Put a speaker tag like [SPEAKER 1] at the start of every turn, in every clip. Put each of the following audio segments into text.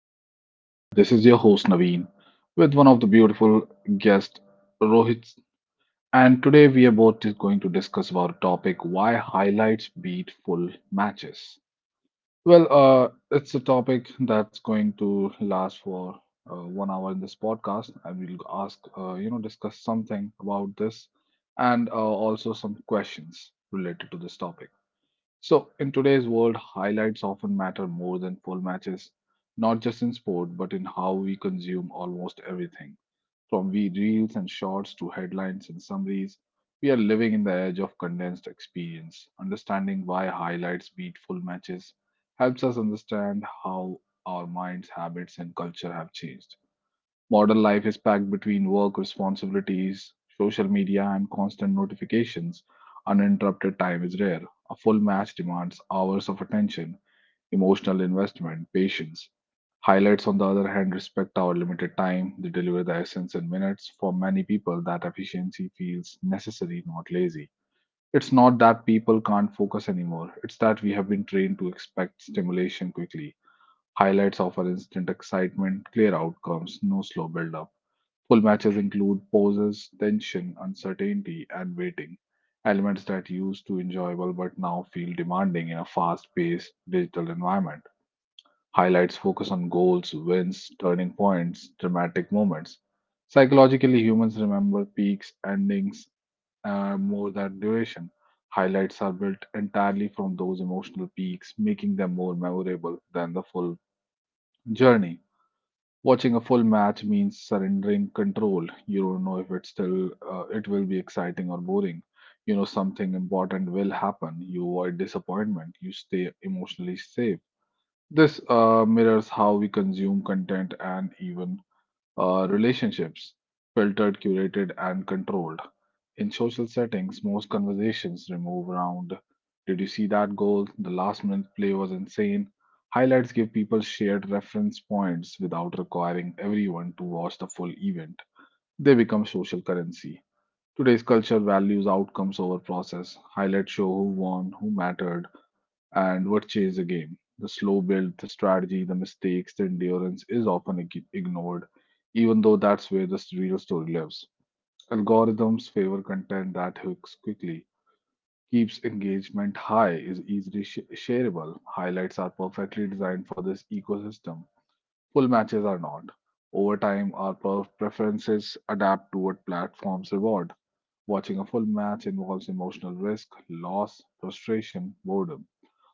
[SPEAKER 1] another podcast. This is your host, Naveen, with one of the beautiful guests, Rohit. And today we are both just going to discuss about a topic why highlights beat full matches. Well, it's a topic that's going to last for 1 hour in this podcast, and we'll ask, discuss something about this and also some questions related to this topic. So, in today's world, highlights often matter more than full matches, not just in sport, but in how we consume almost everything. From we reels and shorts to headlines and summaries, we are living in the edge of condensed experience. Understanding why highlights beat full matches helps us understand how our minds, habits, and culture have changed. Modern life is packed between work responsibilities, social media, and constant notifications. Uninterrupted time is rare. A full match demands hours of attention, emotional investment, patience. Highlights, on the other hand, respect our limited time. They deliver the essence in minutes. For many people, that efficiency feels necessary, not lazy. It's not that people can't focus anymore, it's that we have been trained to expect stimulation quickly. Highlights offer instant excitement, clear outcomes, no slow build up. Full matches include poses, tension, uncertainty, and waiting, elements that used to enjoyable but now feel demanding in a fast-paced digital environment. Highlights focus on goals, wins, turning points, dramatic moments. Psychologically, humans remember peaks, endings more than duration. Highlights are built entirely from those emotional peaks, making them more memorable than the full journey. Watching a full match means surrendering control. You don't know if it will be exciting or boring. You know something important will happen. You avoid disappointment. You stay emotionally safe. This mirrors how we consume content and even relationships, filtered, curated, and controlled. In social settings, most conversations revolve around, did you see that goal? The last minute play was insane. Highlights give people shared reference points without requiring everyone to watch the full event. They become social currency. Today's culture values outcomes over process. Highlights show who won, who mattered, and what changed the game. The slow build, the strategy, the mistakes, the endurance is often ignored, even though that's where the real story lives. Algorithms favor content that hooks quickly, keeps engagement high, is easily shareable. Highlights are perfectly designed for this ecosystem. Full matches are not. Over time, our preferences adapt to what platforms reward. Watching a full match involves emotional risk, loss, frustration, boredom.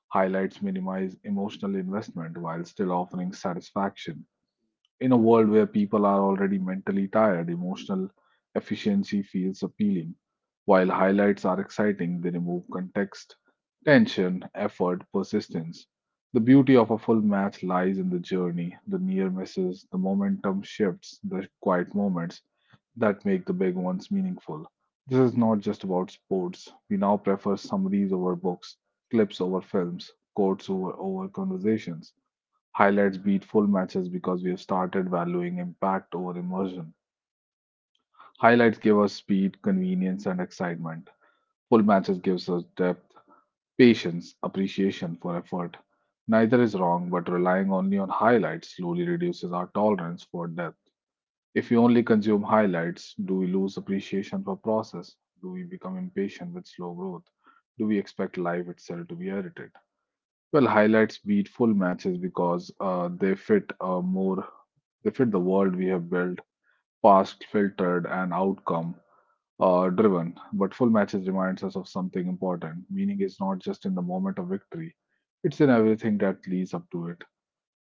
[SPEAKER 1] Highlights minimize emotional investment while still offering satisfaction. In a world where people are already mentally tired, emotional efficiency feels appealing. While highlights are exciting, they remove context, tension, effort, persistence. The beauty of a full match lies in the journey, the near misses, the momentum shifts, the quiet moments that make the big ones meaningful. This is not just about sports. We now prefer summaries over books, clips over films, quotes over conversations. Highlights beat full matches because we have started valuing impact over immersion. Highlights give us speed, convenience, and excitement. Full matches gives us depth, patience, appreciation for effort. Neither is wrong, but relying only on highlights slowly reduces our tolerance for depth. If we only consume highlights, do we lose appreciation for process? Do we become impatient with slow growth? Do we expect life itself to be edited? Well, highlights beat full matches because they fit the world we have built, past filtered and outcome driven. But full matches reminds us of something important. Meaning is not just in the moment of victory; it's in everything that leads up to it.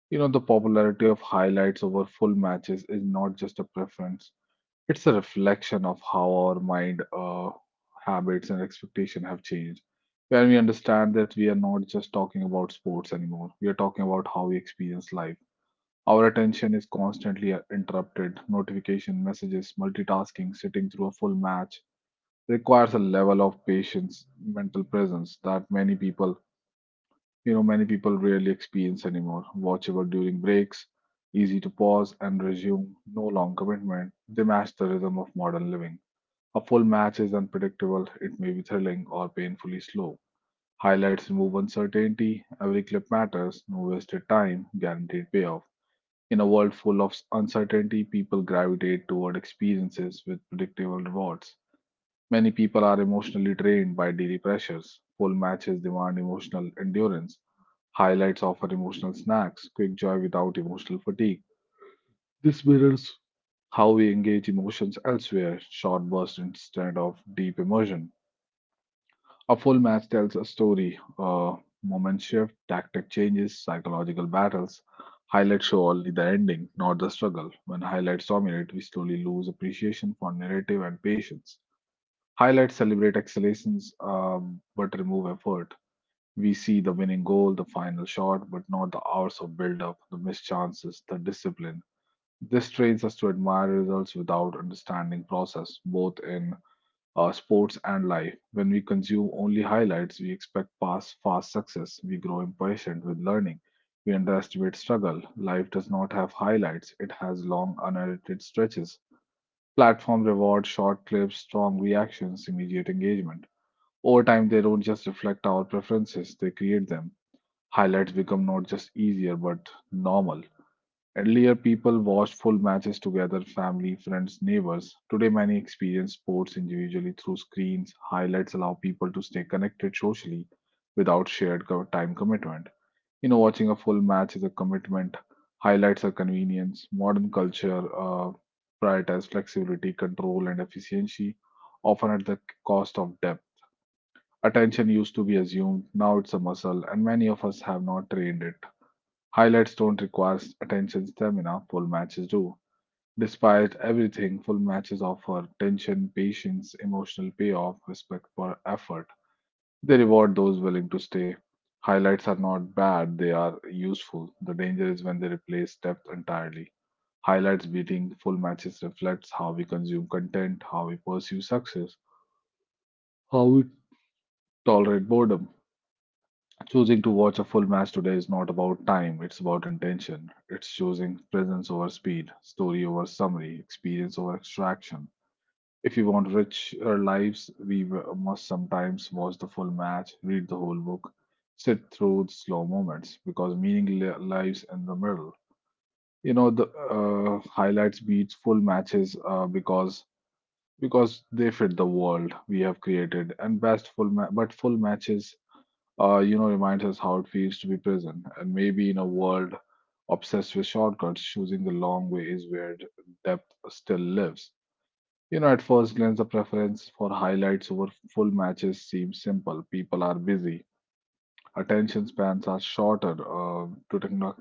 [SPEAKER 1] You know, the popularity of highlights over full matches is not just a preference; it's a reflection of how our mind, habits, and expectation have changed. When we understand that we are not just talking about sports anymore, we are talking about how we experience life. Our attention is constantly interrupted. Notification messages, multitasking, sitting through a full match requires a level of patience, mental presence that many people, you know, many people rarely experience anymore. Watchable during breaks, easy to pause and resume, no long commitment. They match the rhythm of modern living. A full match is unpredictable, it may be thrilling or painfully slow. Highlights remove uncertainty, every clip matters, no wasted time, guaranteed payoff. In a world full of uncertainty, people gravitate toward experiences with predictable rewards. Many people are emotionally drained by daily pressures. Full matches demand emotional endurance. Highlights offer emotional snacks, quick joy without emotional fatigue. This mirrors how we engage emotions elsewhere, short bursts instead of deep immersion. A full match tells a story. Moment shift, tactic changes, psychological battles. Highlights show only the ending, not the struggle. When highlights dominate, we slowly lose appreciation for narrative and patience. Highlights celebrate excellations but remove effort. We see the winning goal, the final shot, but not the hours of build up, the missed chances, the discipline. This trains us to admire results without understanding process, both in sports, and life. When we consume only highlights, we expect past fast success. We grow impatient with learning. We underestimate struggle. Life does not have highlights, it has long, unedited stretches. Platforms reward short clips, strong reactions, immediate engagement. Over time, they don't just reflect our preferences, they create them. Highlights become not just easier but normal. Earlier, people watched full matches together, family, friends, neighbors. Today, many experience sports individually through screens. Highlights allow people to stay connected socially without shared time commitment. You know, watching a full match is a commitment. Highlights are convenience. Modern culture prioritizes flexibility, control, and efficiency, often at the cost of depth. Attention used to be assumed, now it's a muscle, and many of us have not trained it. Highlights don't require attention stamina, full matches do. Despite everything, full matches offer tension, patience, emotional payoff, respect for effort. They reward those willing to stay. Highlights are not bad, they are useful. The danger is when they replace depth entirely. Highlights beating full matches reflects how we consume content, how we pursue success, how we tolerate boredom. Choosing to watch a full match today is not about time, it's about intention. It's choosing presence over speed, story over summary, experience over extraction. If you want richer lives, we must sometimes watch the full match, read the whole book, sit through the slow moments because meaning lies in the middle. You know, the highlights beat full matches because they fit the world we have created, and but full matches, you know, reminds us how it feels to be present, and maybe in a world obsessed with shortcuts, choosing the long way is where depth still lives. You know, at first glance, the preference for highlights over full matches seems simple. People are busy, attention spans are shorter,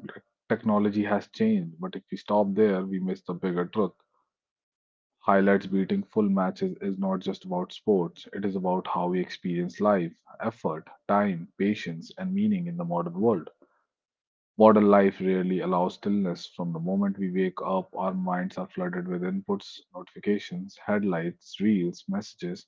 [SPEAKER 1] technology has changed. But if we stop there, we miss the bigger truth. Highlights beating full matches is not just about sports, it is about how we experience life, effort, time, patience, and meaning in the modern world. Modern life rarely allows stillness. From the moment we wake up, our minds are flooded with inputs, notifications, headlights, reels, messages.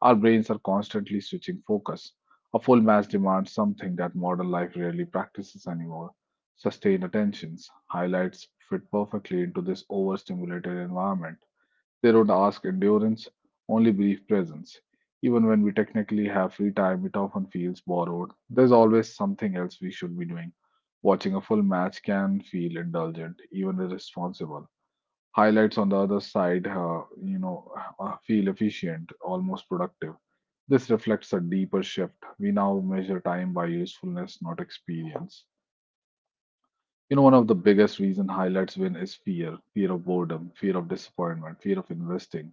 [SPEAKER 1] Our brains are constantly switching focus. A full match demands something that modern life rarely practices anymore sustained attentions. Highlights fit perfectly into this overstimulated environment. They don't ask endurance, only brief presence. Even when we technically have free time, it often feels borrowed. There's always something else we should be doing. Watching a full match can feel indulgent, even irresponsible. Highlights on the other side, feel efficient, almost productive. This reflects a deeper shift. We now measure time by usefulness, not experience. You know, one of the biggest reason highlights win is fear, fear of boredom, fear of disappointment, fear of investing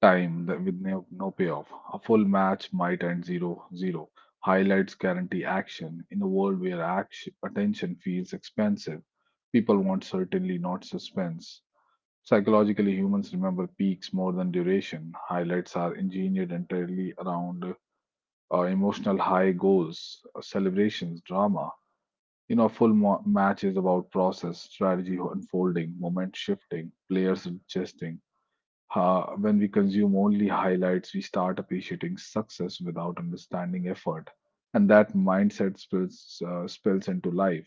[SPEAKER 1] time that with no payoff. A full match might end 0-0. Highlights guarantee action in a world where action, attention feels expensive. People want certainly not suspense. Psychologically, humans remember peaks more than duration. Highlights are engineered entirely around emotional high goals, celebrations, drama. You know, match is about process, strategy unfolding, moment shifting, players adjusting, when we consume only highlights, we start appreciating success without understanding effort, and that mindset spills spills into life.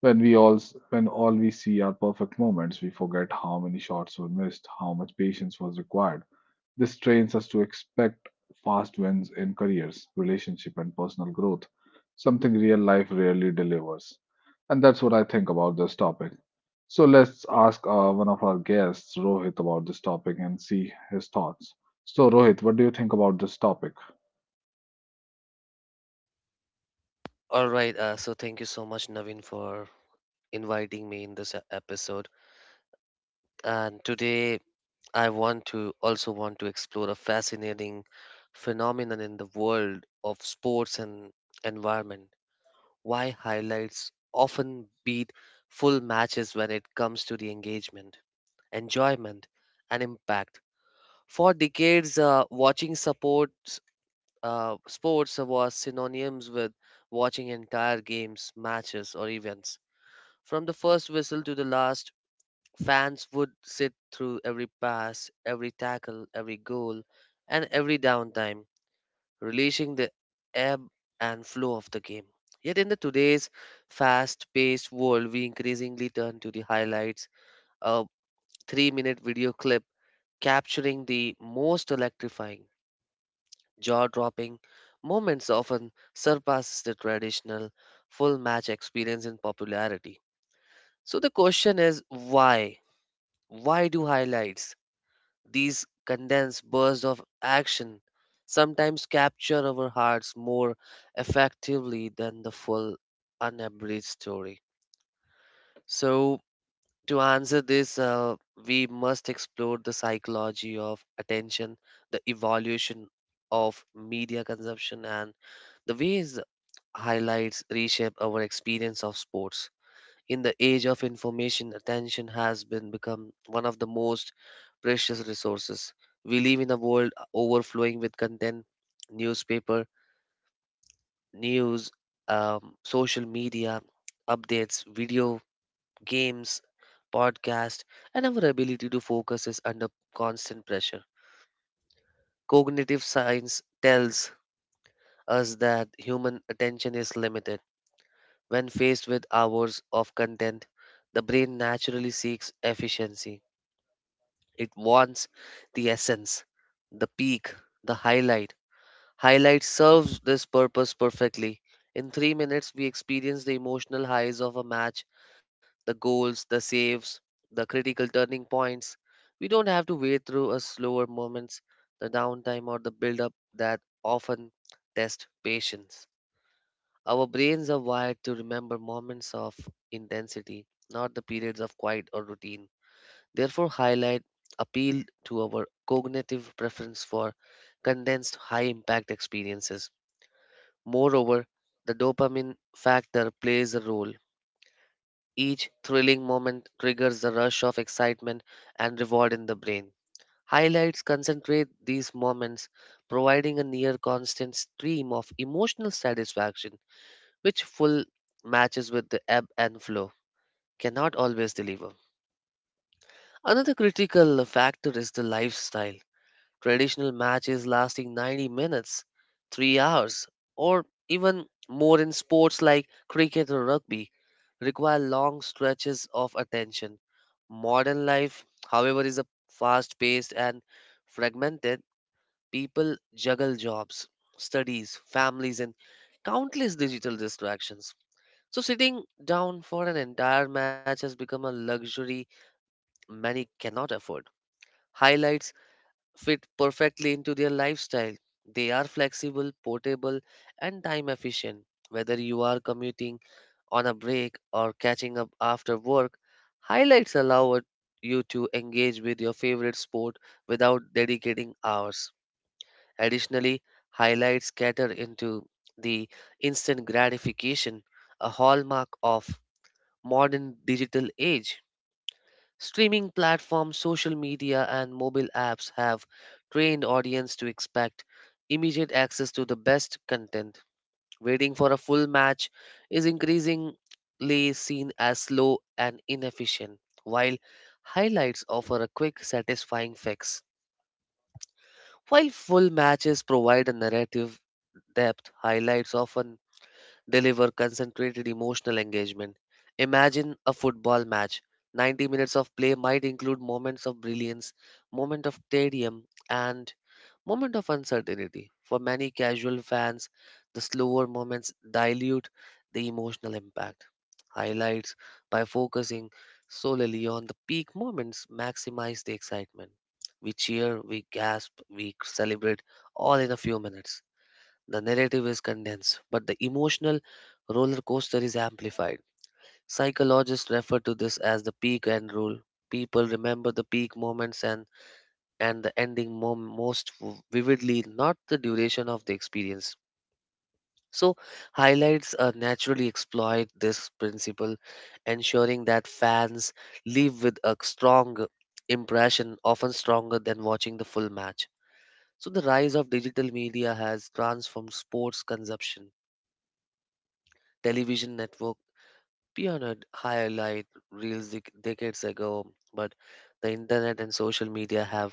[SPEAKER 1] When all we see are perfect moments, we forget how many shots were missed, how much patience was required this trains us to expect fast wins in careers, relationship, and personal growth, something real life rarely delivers. And that's what I think about this topic. So let's ask one of our guests, Rohit, about this topic and see his thoughts. So, Rohit, what do you think about this topic?
[SPEAKER 2] All right, so thank you so much, Naveen, for inviting me in this episode. And today, I want to explore a fascinating phenomenon in the world of sports and environment. Why highlights often beat full matches when it comes to the engagement, enjoyment, and impact. For decades, watching supports sports was synonymous with watching entire games, matches, or events. From the first whistle to the last, fans would sit through every pass, every tackle, every goal, and every downtime, relishing the ebb and flow of the game. Yet in the today's fast-paced world, we increasingly turn to the highlights. A three-minute video clip capturing the most electrifying, jaw-dropping moments often surpasses the traditional full match experience in popularity. So the question is why? Why do highlights, these condensed bursts of action, sometimes capture our hearts more effectively than the full, unabridged story? So, to answer this, we must explore the psychology of attention, the evolution of media consumption, and the ways highlights reshape our experience of sports. In the age of information, attention has been become one of the most precious resources. We live in a world overflowing with content, newspaper, news, social media, updates, video, games, podcast, and our ability to focus is under constant pressure. Cognitive science tells us that human attention is limited. When faced with hours of content, the brain naturally seeks efficiency. It wants the essence, the peak, the highlight. Highlight serves this purpose perfectly. In 3 minutes, we experience the emotional highs of a match, the goals, the saves, the critical turning points. We don't have to wait through a slower moments, the downtime or the build-up that often test patience. Our brains are wired to remember moments of intensity, not the periods of quiet or routine, therefore highlight appeal to our cognitive preference for condensed high impact experiences. Moreover, the dopamine factor plays a role. Each thrilling moment triggers the rush of excitement and reward in the brain. Highlights concentrate these moments, providing a near constant stream of emotional satisfaction, which full matches with the ebb and flow cannot always deliver. Another critical factor is the lifestyle. Traditional matches lasting 90 minutes, 3 hours, or even more in sports like cricket or rugby require long stretches of attention. Modern life, however, is a fast paced and fragmented. People juggle jobs, studies, families, and countless digital distractions. So, sitting down for an entire match has become a luxury many cannot afford. Highlights fit perfectly into their lifestyle. They are flexible, portable, and time efficient. Whether you are commuting on a break or catching up after work, highlights allow you to engage with your favorite sport without dedicating hours. Additionally, highlights cater into the instant gratification, a hallmark of modern digital age. Streaming platforms, social media, and mobile apps have trained audience to expect immediate access to the best content. Waiting for a full match is increasingly seen as slow and inefficient, while highlights offer a quick, satisfying fix. While full matches provide a narrative depth, highlights often deliver concentrated emotional engagement. Imagine a football match. 90 minutes of play might include moments of brilliance, moment of tedium, and moment of uncertainty. For many casual fans, the slower moments dilute the emotional impact. Highlights, by focusing solely on the peak moments, maximize the excitement. We cheer, we gasp, we celebrate all in a few minutes. The narrative is condensed, but the emotional roller coaster is amplified. Psychologists refer to this as the peak and rule. People remember the peak moments and the ending most vividly, not the duration of the experience. So, highlights naturally exploit this principle, ensuring that fans leave with a strong impression, often stronger than watching the full match. So, the rise of digital media has transformed sports consumption. Television network pioneered highlight reels decades ago, but the internet and social media have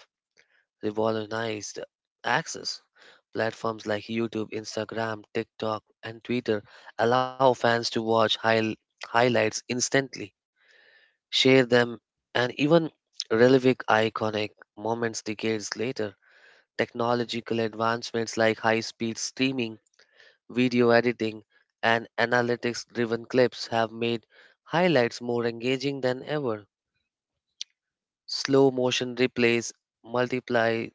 [SPEAKER 2] revolutionized access. Platforms like YouTube, Instagram, TikTok, and Twitter allow fans to watch highlights instantly, share them, and even relive iconic moments decades later. Technological advancements like high speed streaming, video editing, and analytics driven clips have made highlights more engaging than ever. Slow motion replays, multiply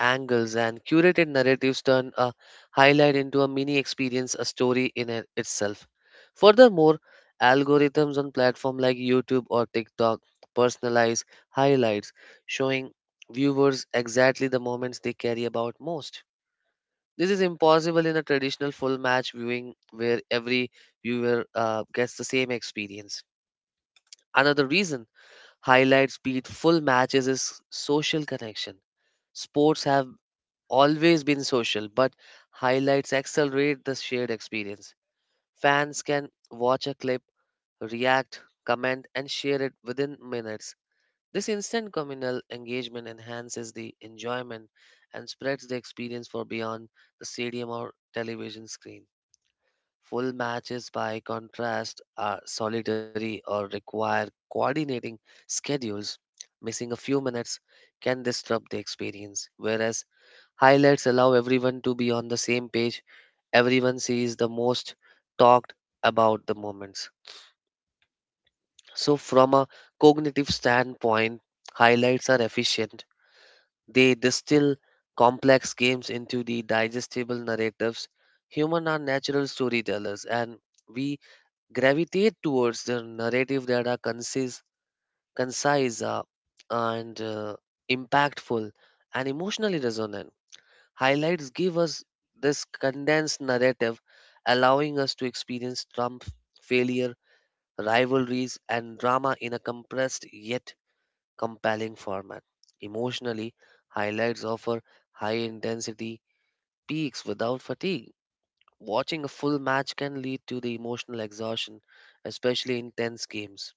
[SPEAKER 2] angles, and curated narratives turn a highlight into a mini experience, a story in itself. Furthermore, algorithms on platforms like YouTube or TikTok personalize highlights, showing viewers exactly the moments they care about most. This is impossible in a traditional full match viewing where every viewer gets the same experience. Another reason highlights beat full matches is social connection. Sports have always been social, but highlights accelerate the shared experience. Fans can watch a clip, react, comment, and share it within minutes. This instant communal engagement enhances the enjoyment and spreads the experience for beyond the stadium or television screen. Full matches, by contrast, are solitary or require coordinating schedules. Missing a few minutes can disrupt the experience, whereas highlights allow everyone to be on the same page. Everyone sees the most talked about the moments. So, from a cognitive standpoint, highlights are efficient. They distill complex games into the digestible narratives. Humans are natural storytellers, and we gravitate towards the narrative that are concise, concise and impactful and emotionally resonant. Highlights give us this condensed narrative, allowing us to experience Trump failure, rivalries, and drama in a compressed yet compelling format. Emotionally, highlights offer high intensity peaks without fatigue. Watching a full match can lead to the emotional exhaustion, especially in tense games.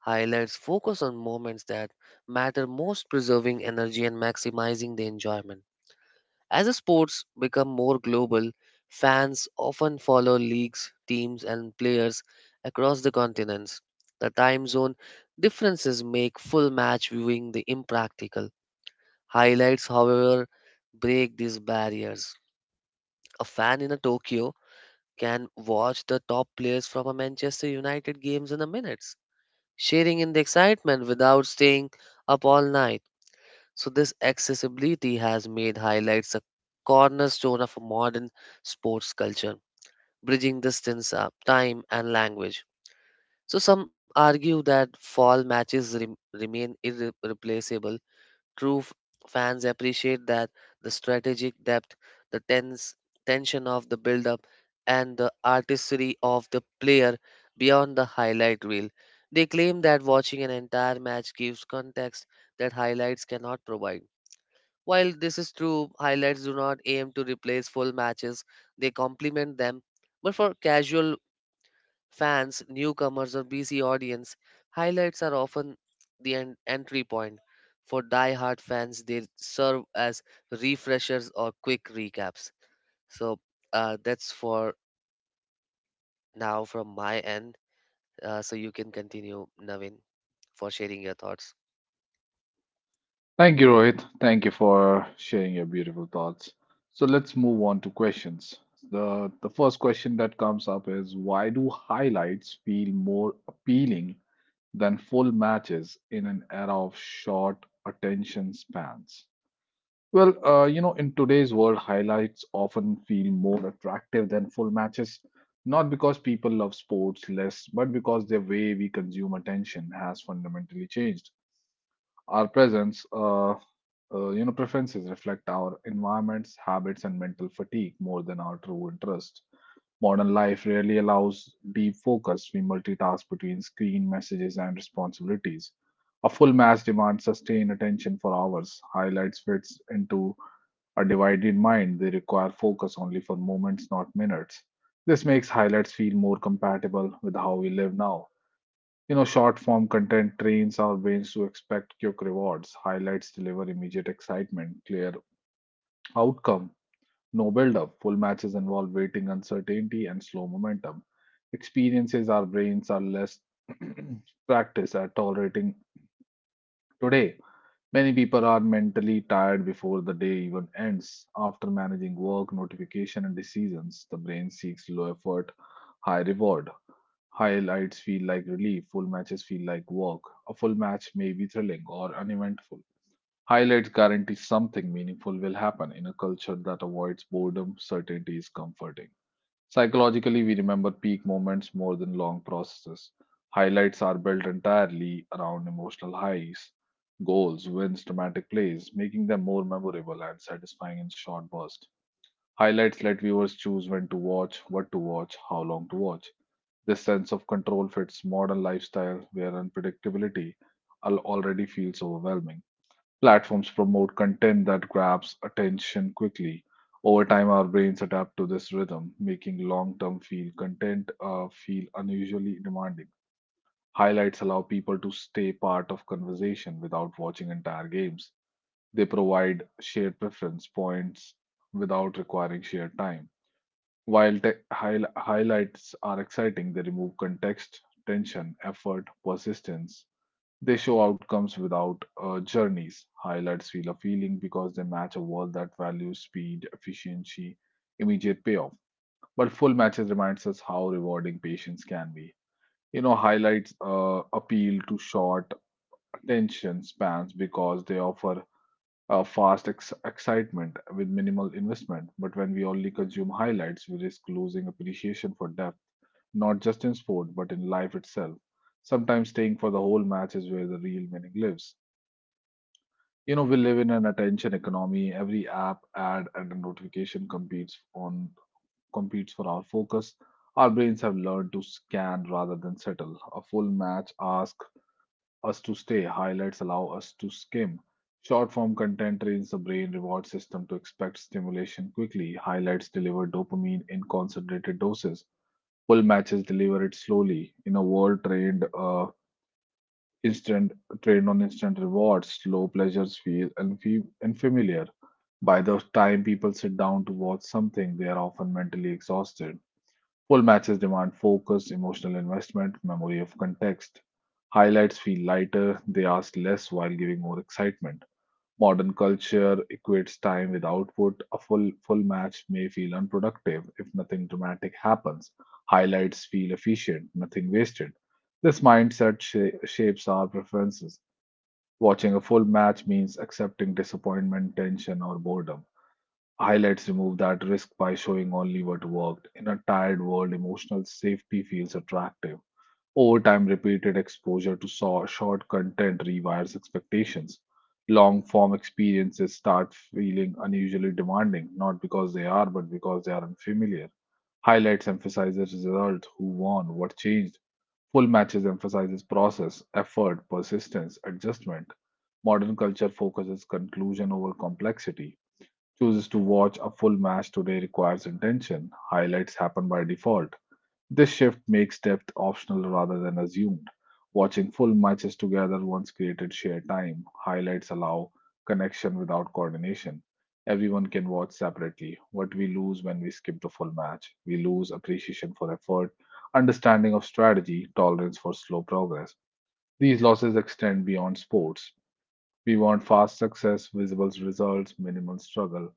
[SPEAKER 2] Highlights focus on moments that matter most, preserving energy and maximizing the enjoyment. As sports become more global, fans often follow leagues, teams, and players across the continents. The time zone differences make full match viewing the impractical. Highlights, however, break these barriers. A fan in a Tokyo can watch the top players from a Manchester United games in a minute, sharing in the excitement without staying up all night. So, this accessibility has made highlights a cornerstone of a modern sports culture, bridging distance, time, and language. So, some argue that fall matches remain irreplaceable. True fans appreciate that the strategic depth, the tense tension of the build up, and the artistry of the player beyond the highlight reel. They claim that watching an entire match gives context that highlights cannot provide. While this is true, highlights do not aim to replace full matches, they complement them. But for casual fans, newcomers, or busy audience, highlights are often the entry point. For die-hard fans, they serve as refreshers or quick recaps. So that's for now from my end. So you can continue, Navin, for sharing your thoughts.
[SPEAKER 1] Thank you, Rohit. Thank you for sharing your beautiful thoughts. So let's move on to questions. The first question that comes up is why do highlights feel more appealing than full matches in an era of short attention spans. Well, you know, in today's world, highlights often feel more attractive than full matches, not because people love sports less, but because the way we consume attention has fundamentally changed. Our presence, you know, preferences reflect our environments, habits, and mental fatigue more than our true interests. Modern life rarely allows deep focus. We multitask between screen messages and responsibilities. A full match demands sustained attention for hours. Highlights fits into a divided mind. They require focus only for moments, not minutes. This makes highlights feel more compatible with how we live now. You know, short form content trains our brains to expect quick rewards. Highlights deliver immediate excitement, clear outcome no build up. Full matches involve waiting, uncertainty, and slow momentum. Experiences our brains are less practiced at tolerating today. Many people are mentally tired before the day even ends. After managing work, notification, and decisions, the brain seeks low effort, high reward. Highlights feel like relief, full matches feel like work. A full match may be thrilling or uneventful. Highlights guarantee something meaningful will happen in a culture that avoids boredom, certainty is comforting. Psychologically, we remember peak moments more than long processes. Highlights are built entirely around emotional highs, goals, wins, dramatic plays, making them more memorable and satisfying in short bursts. Highlights let viewers choose when to watch, what to watch, how long to watch. This sense of control fits modern lifestyle where unpredictability already feels overwhelming. Platforms promote content that grabs attention quickly. Over time, our brains adapt to this rhythm, making long-term feel content feel unusually demanding. Highlights allow people to stay part of conversation without watching entire games. They provide shared preference points without requiring shared time. While highlights are exciting, they remove context, tension, effort, persistence, they show outcomes without journeys. Highlights feel appealing because they match a world that values speed, efficiency, immediate payoff. But full matches reminds us how rewarding patience can be. You know, highlights appeal to short attention spans because they offer fast excitement with minimal investment. But when we only consume highlights, we risk losing appreciation for depth, not just in sport but in life itself. Sometimes staying for the whole match is where the real meaning lives. You know, we live in an attention economy. Every app, ad, and a notification competes for our focus. Our brains have learned to scan rather than settle. A full match asks us to stay. Highlights allow us to skim. Short form content trains the brain reward system to expect stimulation quickly. Highlights deliver dopamine in concentrated doses. Full matches deliver it slowly. In a world instant trained on instant rewards, slow pleasures feel unfamiliar. By the time people sit down to watch something, they are often mentally exhausted. Full matches demand focus, emotional investment, memory of context. Highlights feel lighter, they ask less while giving more excitement. Modern culture equates time with output. A full match may feel unproductive if nothing dramatic happens. Highlights feel efficient, nothing wasted. This mindset shapes our preferences. Watching a full match means accepting disappointment, tension, or boredom. Highlights remove that risk by showing only what worked. In a tired world, emotional safety feels attractive. Over time, repeated exposure to short content rewires expectations. Long form experiences start feeling unusually demanding, not because they are, but because they are unfamiliar. Highlights emphasizes result, who won, what changed. Full matches emphasizes process, effort, persistence, adjustment. Modern culture focuses conclusion over complexity chooses to watch a full match today requires intention. Highlights happen by default. This shift makes depth optional rather than assumed. Watching full matches together once created shared time. Highlights allow connection without coordination. Everyone can watch separately. What we lose when we skip the full match, we lose appreciation for effort, understanding of strategy, tolerance for slow progress. These losses extend beyond sports. We want fast success, visible results, minimal struggle.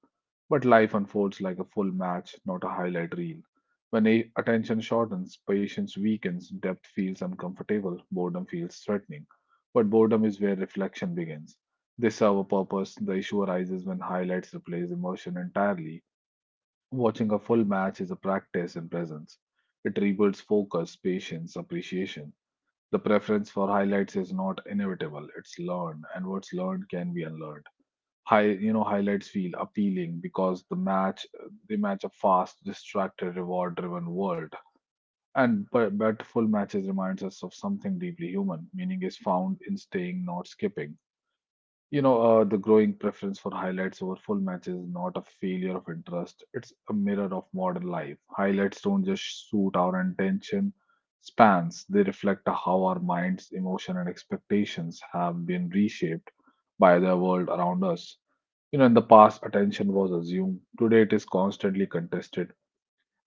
[SPEAKER 1] But life unfolds like a full match, not a highlight reel. When attention shortens, patience weakens, depth feels uncomfortable, boredom feels threatening. But boredom is where reflection begins. They serve a purpose. The issue arises when highlights replace emotion entirely. Watching a full match is a practice in presence. It rebuilds focus, patience, appreciation. The preference for highlights is not inevitable, it's learned, and what's learned can be unlearned. Highlights feel appealing because they match a fast, distracted, reward-driven world. But full matches reminds us of something deeply human. Meaning is found in staying, not skipping. You know, the growing preference for highlights over full matches is not a failure of interest. It's a mirror of modern life. Highlights don't just suit our attention spans, they reflect how our minds, emotion, and expectations have been reshaped by the world around us. You know, in the past, attention was assumed. Today, it is constantly contested.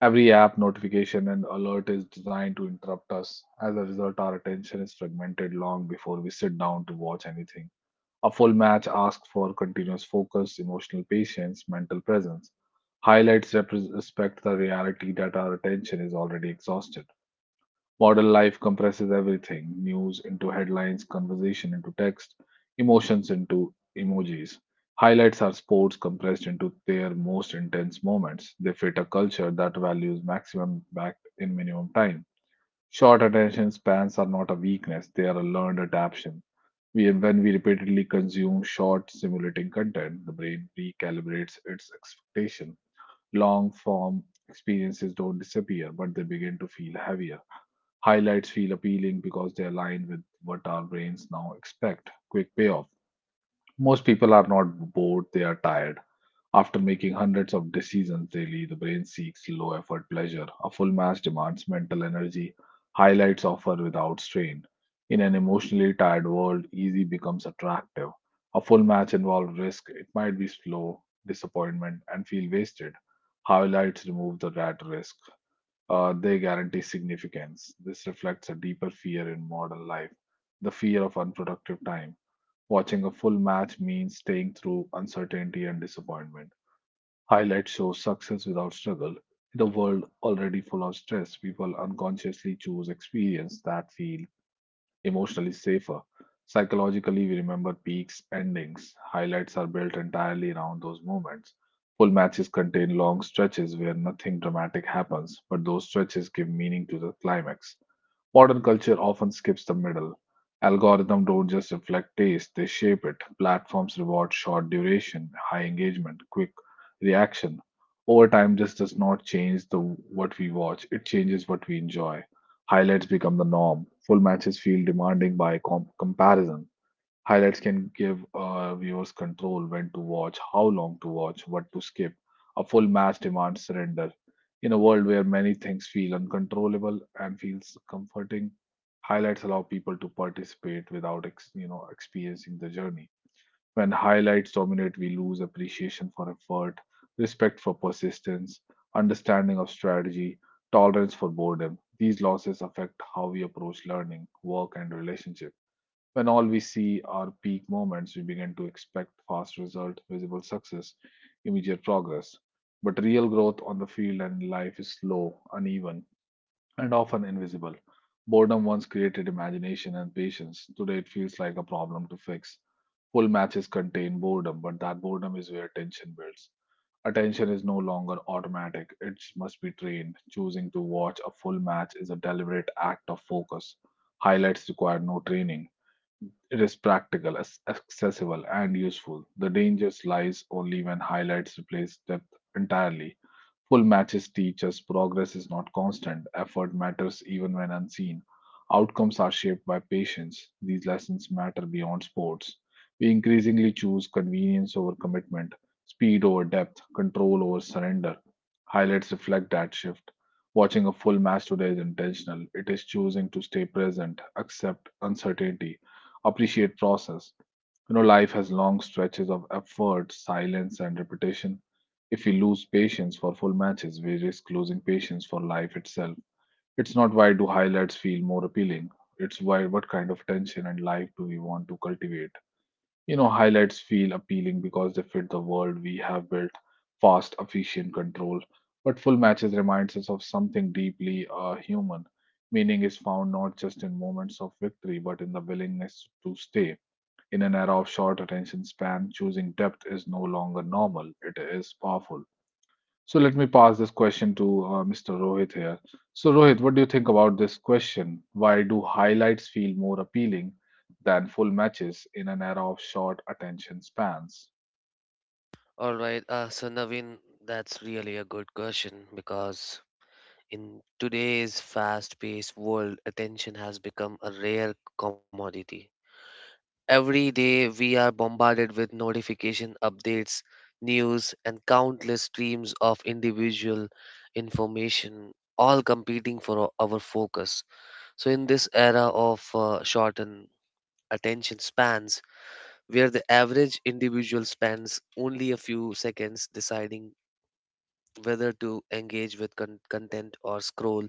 [SPEAKER 1] Every app, notification, and alert is designed to interrupt us. As a result, our attention is fragmented long before we sit down to watch anything. A full match asks for continuous focus, emotional patience, mental presence. Highlights respect the reality that our attention is already exhausted. Modern life compresses everything news into headlines, conversation into text, emotions into emojis. Highlights are sports compressed into their most intense moments. They fit a culture that values maximum impact in minimum time. Short attention spans are not a weakness, they are a learned adaptation when we repeatedly consume short, stimulating content, the brain recalibrates its expectation. Long form experiences don't disappear, but they begin to feel heavier. Highlights feel appealing because they align with what our brains now expect quick payoff. Most people are not bored, they are tired. After making hundreds of decisions daily, the brain seeks low effort pleasure. A full match demands mental energy, highlights offer without strain. In an emotionally tired world, easy becomes attractive. A full match involves risk, it might be slow, disappointment, and feel wasted. Highlights remove the rat risk. They guarantee significance. This reflects a deeper fear in modern life the fear of unproductive time. Watching a full match means staying through uncertainty and disappointment. Highlight shows success without struggle. In a world already full of stress, people unconsciously choose experiences that feel emotionally safer. Psychologically, we remember peaks, endings. Highlights are built entirely around those moments. Full matches contain long stretches where nothing dramatic happens, but those stretches give meaning to the climax. Modern culture often skips the middle. Algorithms don't just reflect taste, they shape it. Platforms reward short duration, high engagement, quick reaction. Over time, this does not change the what we watch, it changes what we enjoy. Highlights become the norm. Full matches feel demanding by comparison. Highlights can give viewers control when to watch, how long to watch, what to skip. A full match demands surrender. In a world where many things feel uncontrollable and feels comforting, highlights allow people to participate without experiencing the journey. When highlights dominate, we lose appreciation for effort, respect for persistence, understanding of strategy, tolerance for boredom. These losses affect how we approach learning, work, and relationships. When all we see are peak moments, we begin to expect fast result, visible success, immediate progress. But real growth on the field and in life is slow, uneven, and often invisible. Boredom once created imagination and patience. Today it feels like a problem to fix. Full matches contain boredom, but that boredom is where tension builds. Attention is no longer automatic, it must be trained. Choosing to watch a full match is a deliberate act of focus. Highlights require no training it is practical, accessible, and useful. The danger lies only when highlights replace depth entirely. Full matches teach us progress is not constant, effort matters even when unseen. Outcomes are shaped by patience. These lessons matter beyond sports. We increasingly choose convenience over commitment, speed over depth, control over surrender. Highlights reflect that shift. Watching a full match today is intentional. It is choosing to stay present, accept uncertainty, appreciate process. You know, life has long stretches of effort, silence, and repetition. If we lose patience for full matches, we risk losing patience for life itself. It's not why do highlights feel more appealing, it's why what kind of tension and life do we want to cultivate. You know, highlights feel appealing because they fit the world we have built fast, efficient control. But full matches reminds us of something deeply human. Meaning is found not just in moments of victory, but in the willingness to stay. In an era of short attention span, choosing depth is no longer normal, it is powerful. So let me pass this question to Mr. Rohit here. So, Rohit, what do you think about this question? Why do highlights feel more appealing than full matches in an era of short attention spans?
[SPEAKER 2] All right. So Navin, that's really a good question because in today's fast-paced world, attention has become a rare commodity. Every day we are bombarded with notification updates, news, and countless streams of individual information, all competing for our focus. So, in this era of shortened attention spans, where the average individual spends only a few seconds deciding whether to engage with content or scroll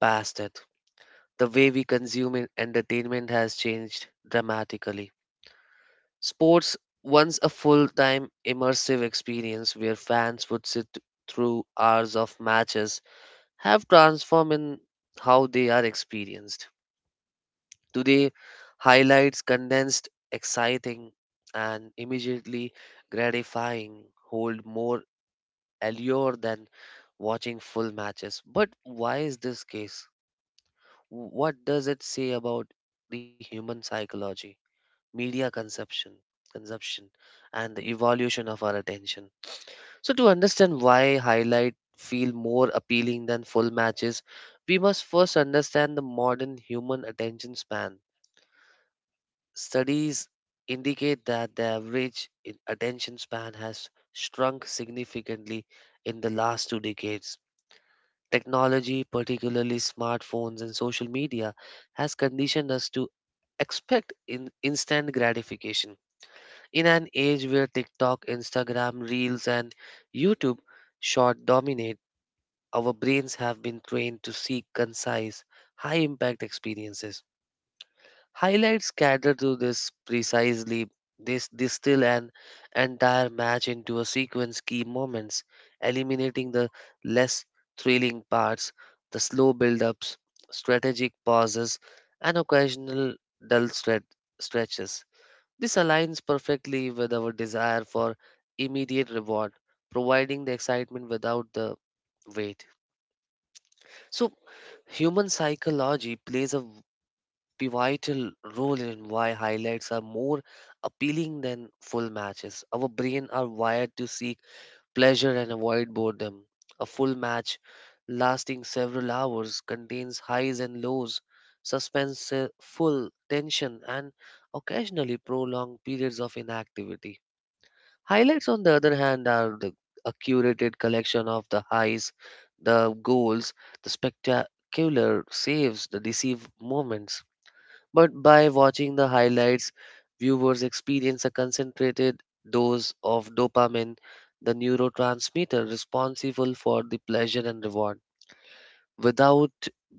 [SPEAKER 2] past it, the way we consume entertainment has changed dramatically. Sports, once a full time immersive experience where fans would sit through hours of matches, have transformed in how they are experienced. Today, highlights condensed, exciting, and immediately gratifying hold more allure than watching full matches. But why is this case? What does it say about the human psychology? Media consumption, and the evolution of our attention. So, to understand why highlight feel more appealing than full matches, we must first understand the modern human attention span. Studies indicate that the average attention span has shrunk significantly in the last 2 decades. Technology, particularly smartphones and social media, has conditioned us to expect in instant gratification. In an age where TikTok, Instagram, Reels, and YouTube short dominate, our brains have been trained to seek concise, high impact experiences. Highlights cater to this precisely. They distill an entire match into a sequence key moments, eliminating the less thrilling parts, the slow build ups, strategic pauses, and occasional dull stretches. This aligns perfectly with our desire for immediate reward, providing the excitement without the weight. So, human psychology plays a pivotal role in why highlights are more appealing than full matches. Our brain are wired to seek pleasure and avoid boredom. A full match lasting several hours contains highs and lows, suspense, full tension, and occasionally prolonged periods of inactivity. Highlights, on the other hand, are a curated collection of the highs, the goals, the spectacular saves, the deceive moments. But by watching the highlights, viewers experience a concentrated dose of dopamine, the neurotransmitter responsible for the pleasure and reward, without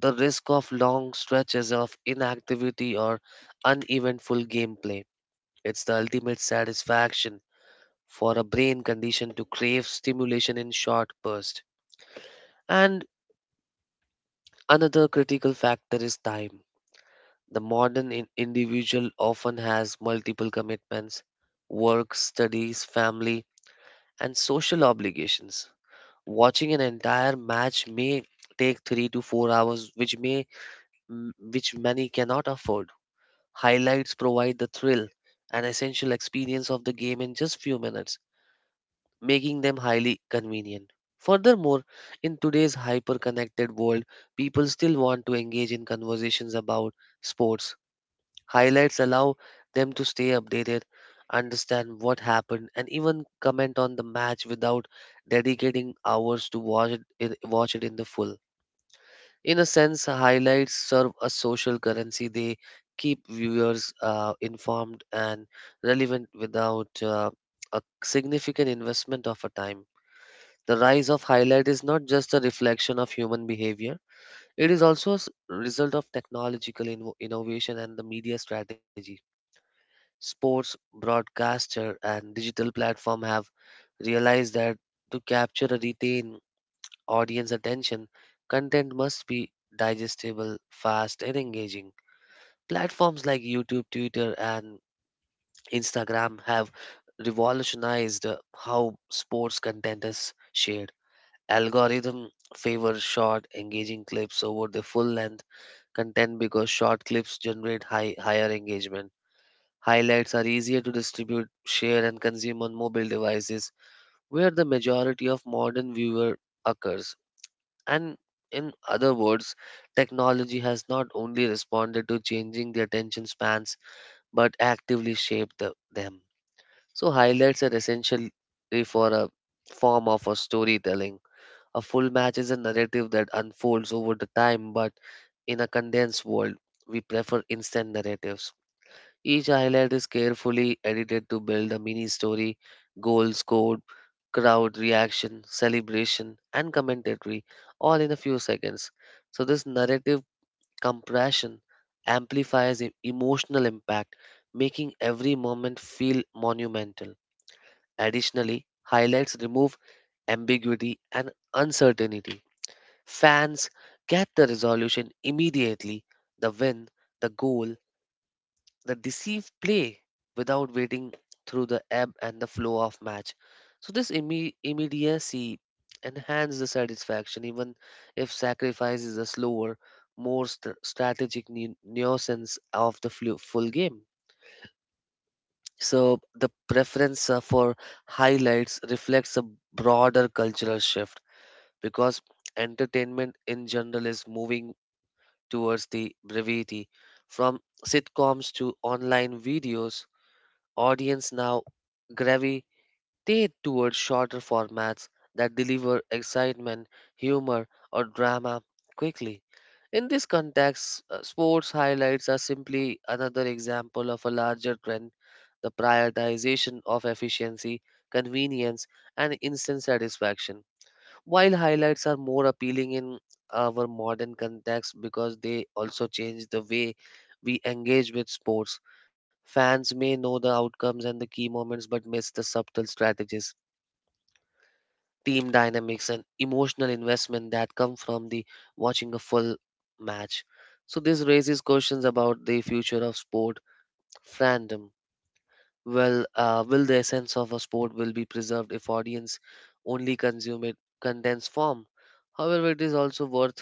[SPEAKER 2] the risk of long stretches of inactivity or uneventful gameplay. It's the ultimate satisfaction for a brain condition to crave stimulation in short bursts. And another critical factor is time. The modern individual often has multiple commitments: work, studies, family, and social obligations. Watching an entire match may take 3 to 4 hours, which which many cannot afford. Highlights provide the thrill and essential experience of the game in just few minutes, making them highly convenient. Furthermore, in today's hyper connected world, people still want to engage in conversations about sports. Highlights allow them to stay updated, understand what happened, and even comment on the match without dedicating hours to watch it in the full. In a sense, highlights serve a social currency. They keep viewers informed and relevant without a significant investment of a time. The rise of highlight is not just a reflection of human behavior, it is also a result of technological innovation and the media strategy. Sports, broadcaster, and digital platform have realized that to capture and retain audience attention, content must be digestible, fast, and engaging. Platforms like YouTube, Twitter, and Instagram have revolutionized how sports content is shared. Algorithm favor short engaging clips over the full length content because short clips generate higher engagement. Highlights are easier to distribute, share, and consume on mobile devices where the majority of modern viewer occurs. And in other words, technology has not only responded to changing the attention spans but actively shaped them. So highlights are essentially for a form of a storytelling. A full match is a narrative that unfolds over the time, but in a condensed world, we prefer instant narratives. Each highlight is carefully edited to build a mini story: goal scored, crowd reaction, celebration, and commentary, all in a few seconds. So, this narrative compression amplifies emotional impact, making every moment feel monumental. Additionally, highlights remove ambiguity and uncertainty. Fans get the resolution immediately: the win, the goal, the deceive play, without waiting through the ebb and the flow of match. So, this immediacy enhances the satisfaction, even if sacrifice is a slower, more strategic nuisance of the full game. So, the preference for highlights reflects a broader cultural shift because entertainment in general is moving towards the brevity. From sitcoms to online videos, audience now gravitate towards shorter formats that deliver excitement, humor, or drama quickly. In this context, sports highlights are simply another example of a larger trend: the prioritization of efficiency, convenience, and instant satisfaction. While highlights are more appealing in our modern context because they also change the way we engage with sports, fans may know the outcomes and the key moments but miss the subtle strategies, team dynamics, and emotional investment that come from the watching a full match. So this raises questions about the future of sport fandom. Well, will the essence of a sport will be preserved if audience only consume it condensed form? However, it is also worth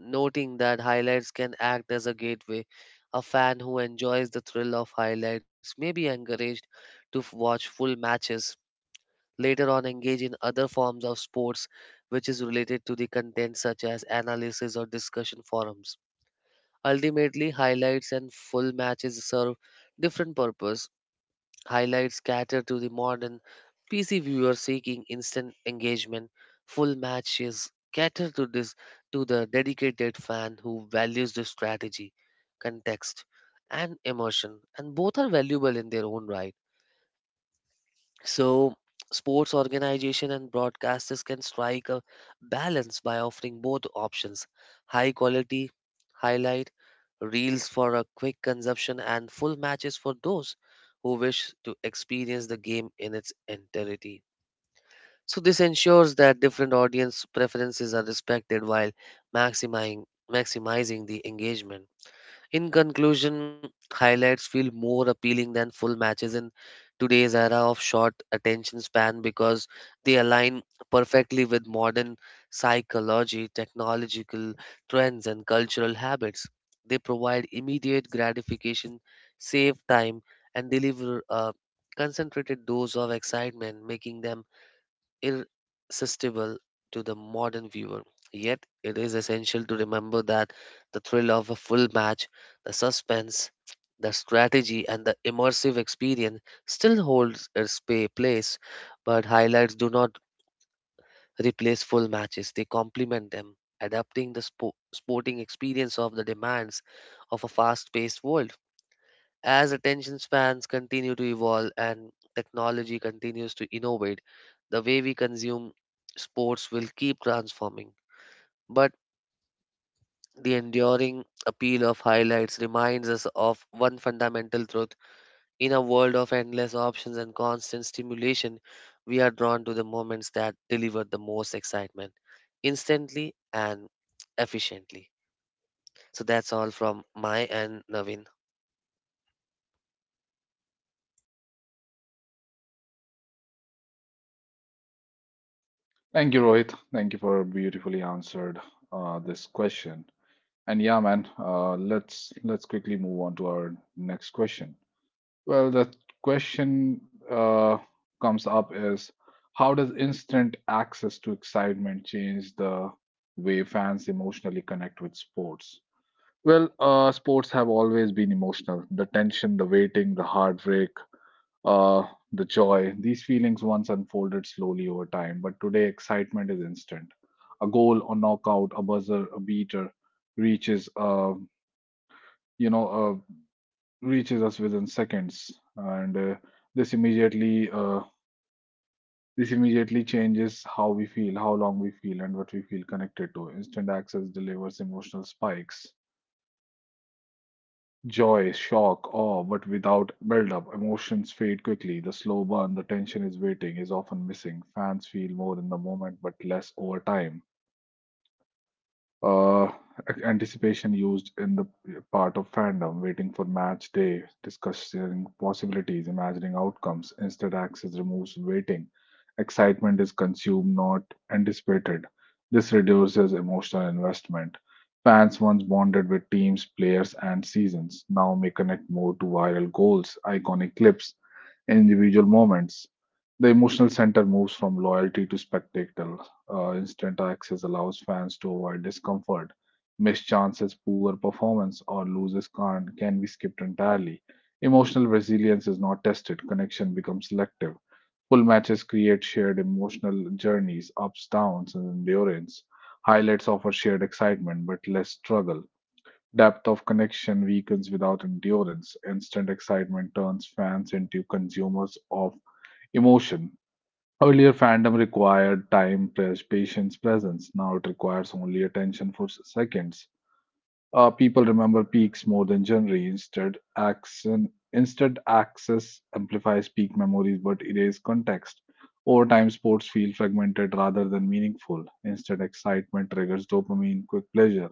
[SPEAKER 2] noting that highlights can act as a gateway. A fan who enjoys the thrill of highlights may be encouraged to watch full matches, later on, engage in other forms of sports which is related to the content, such as analysis or discussion forums. Ultimately, highlights and full matches serve different purpose. Highlights cater to the modern PC viewer seeking instant engagement. Full matches cater to this to the dedicated fan who values the strategy, context, and emotion, and both are valuable in their own right. So, sports organization and broadcasters can strike a balance by offering both options: high quality, highlight, reels for a quick consumption, and full matches for those who wish to experience the game in its entirety. So, this ensures that different audience preferences are respected while maximizing, maximizing the engagement. In conclusion, highlights feel more appealing than full matches in today's era of short attention span because they align perfectly with modern psychology, technological trends, and cultural habits. They provide immediate gratification, save time, and deliver a concentrated dose of excitement, making them irresistible to the modern viewer. Yet, it is essential to remember that the thrill of a full match, the suspense, the strategy, and the immersive experience still holds its place, but highlights do not replace full matches, they complement them, adapting the sporting experience of the demands of a fast paced world. As attention spans continue to evolve and technology continues to innovate, the way we consume sports will keep transforming. But the enduring appeal of highlights reminds us of one fundamental truth. In a world of endless options and constant stimulation, we are drawn to the moments that deliver the most excitement instantly and efficiently. So that's all from my and Naveen.
[SPEAKER 1] Thank you, Rohit. Thank you for beautifully answered this question. And yeah, man, let's quickly move on to our next question. Well, the question comes up is, how does instant access to excitement change the way fans emotionally connect with sports? Well, sports have always been emotional. The tension, the waiting, the heartbreak, uh, the joy, these feelings once unfolded slowly over time. But today, excitement is instant. A goal, a knockout, a buzzer, a beater reaches, uh, you know, reaches us within seconds, and this immediately uh, this immediately changes how we feel, how long we feel, and what we feel connected to. Instant access delivers emotional spikes, joy, shock, awe, but without build up, emotions fade quickly. The slow burn, the tension is waiting, is often missing. Fans feel more in the moment but less over time. Uh, Anticipation used in the part of fandom, waiting for match day, discussing possibilities, imagining outcomes. Instead, access removes waiting. Excitement is consumed, not anticipated. This reduces emotional investment. Fans once bonded with teams, players, and seasons now may connect more to viral goals, iconic clips, individual moments. The emotional center moves from loyalty to spectacle. Instant access allows fans to avoid discomfort. Missed chances, poor performance, or losses can be skipped entirely. Emotional resilience is not tested, connection becomes selective. Full matches create shared emotional journeys, ups, downs, and endurance. Highlights offer shared excitement but less struggle. Depth of connection weakens without endurance. Instant excitement turns fans into consumers of emotion. Earlier, fandom required time, press, patience, presence. Now it requires only attention for seconds. People remember peaks more than genre. Instead, action, instead access amplifies peak memories but erase context. Over time, sports feel fragmented rather than meaningful. Instead, excitement triggers dopamine, quick pleasure.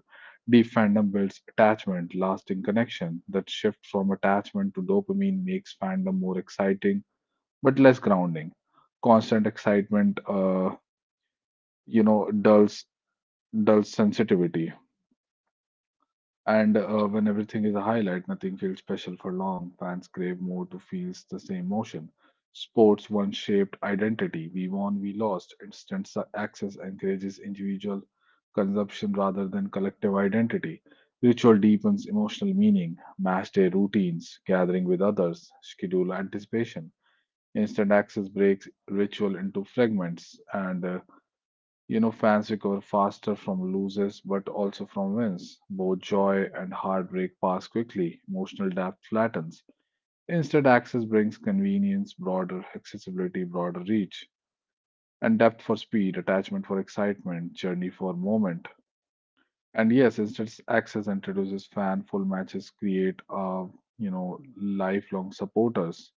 [SPEAKER 1] Deep fandom builds attachment, lasting connection. That shift from attachment to dopamine makes fandom more exciting but less grounding. Constant excitement, you know, dulls dulls sensitivity. And when everything is a highlight, nothing feels special for long. Fans crave more to feel the same motion. Sports once shaped identity. We won, we lost. Instant access encourages individual consumption rather than collective identity. Ritual deepens emotional meaning. Match day routines, gathering with others, schedule anticipation. Instant access breaks ritual into fragments, and fans recover faster from losses but also from wins. Both joy and heartbreak pass quickly, emotional depth flattens. Instant access brings convenience, broader accessibility, broader reach, and depth for speed, attachment for excitement, journey for moment. And yes, instant access introduces fan full matches, create lifelong supporters,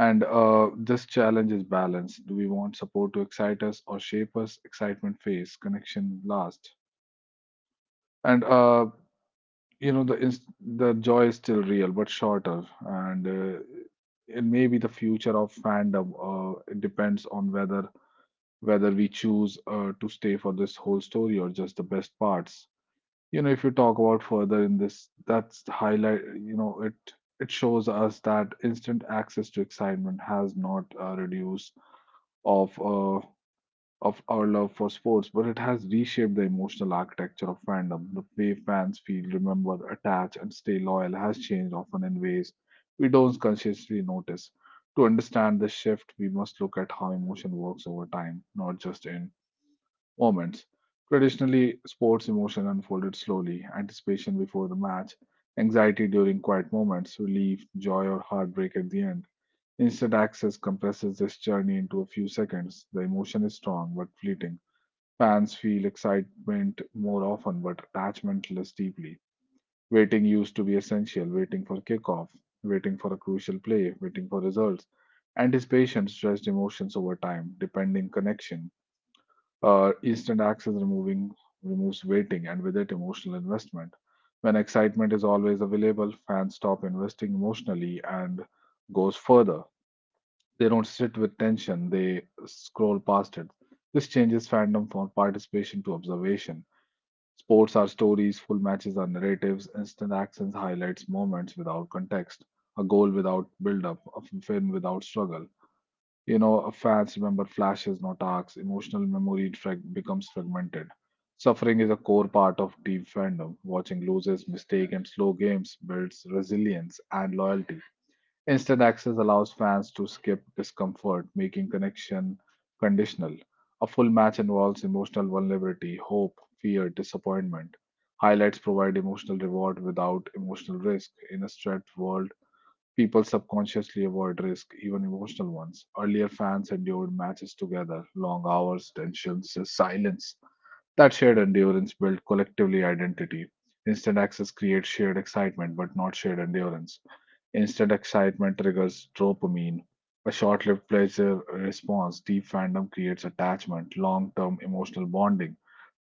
[SPEAKER 1] and this challenge is balance. Do we want support to excite us or shape us? Excitement phase, connection last. And the joy is still real but shorter, and it may be the future of fandom. It depends on whether we choose to stay for this whole story or just the best parts. You know, if you talk about further in this, that's the highlight. You know, it shows us that instant access to excitement has not reduced of uh, of our love for sports, but it has reshaped the emotional architecture of fandom. The way fans feel, remember, attach, and stay loyal has changed often in ways we don't consciously notice. To understand this shift, we must look at how emotion works over time, not just in moments. Traditionally, sports emotion unfolded slowly, anticipation before the match, anxiety during quiet moments, relief, joy, or heartbreak at the end. Instant access compresses this journey into a few seconds. The emotion is strong but fleeting. Fans feel excitement more often but attachment less deeply. Waiting used to be essential, waiting for kickoff, waiting for a crucial play, waiting for results. Anticipation stressed emotions over time, depending connection. Instant access removing removes waiting, and with it emotional investment. When excitement is always available, fans stop investing emotionally, and goes further, they don't sit with tension, they scroll past it. This changes fandom from participation to observation. Sports are stories, full matches are narratives, instant actions highlights moments without context, a goal without build up, a fin without struggle. You know, fans remember flashes, not arcs. Emotional memory becomes fragmented. Suffering is a core part of deep fandom. Watching losses, mistake, and slow games builds resilience and loyalty. Instant access allows fans to skip discomfort, making connection conditional. A full match involves emotional vulnerability, hope, fear, disappointment. Highlights provide emotional reward without emotional risk. In a stretched world, people subconsciously avoid risk, even emotional ones. Earlier, fans endured matches together, long hours, tensions, silence. That shared endurance built collectively identity. Instant access creates shared excitement, but not shared endurance. Instant excitement triggers dopamine. A short lived pleasure response, deep fandom creates attachment, long term emotional bonding.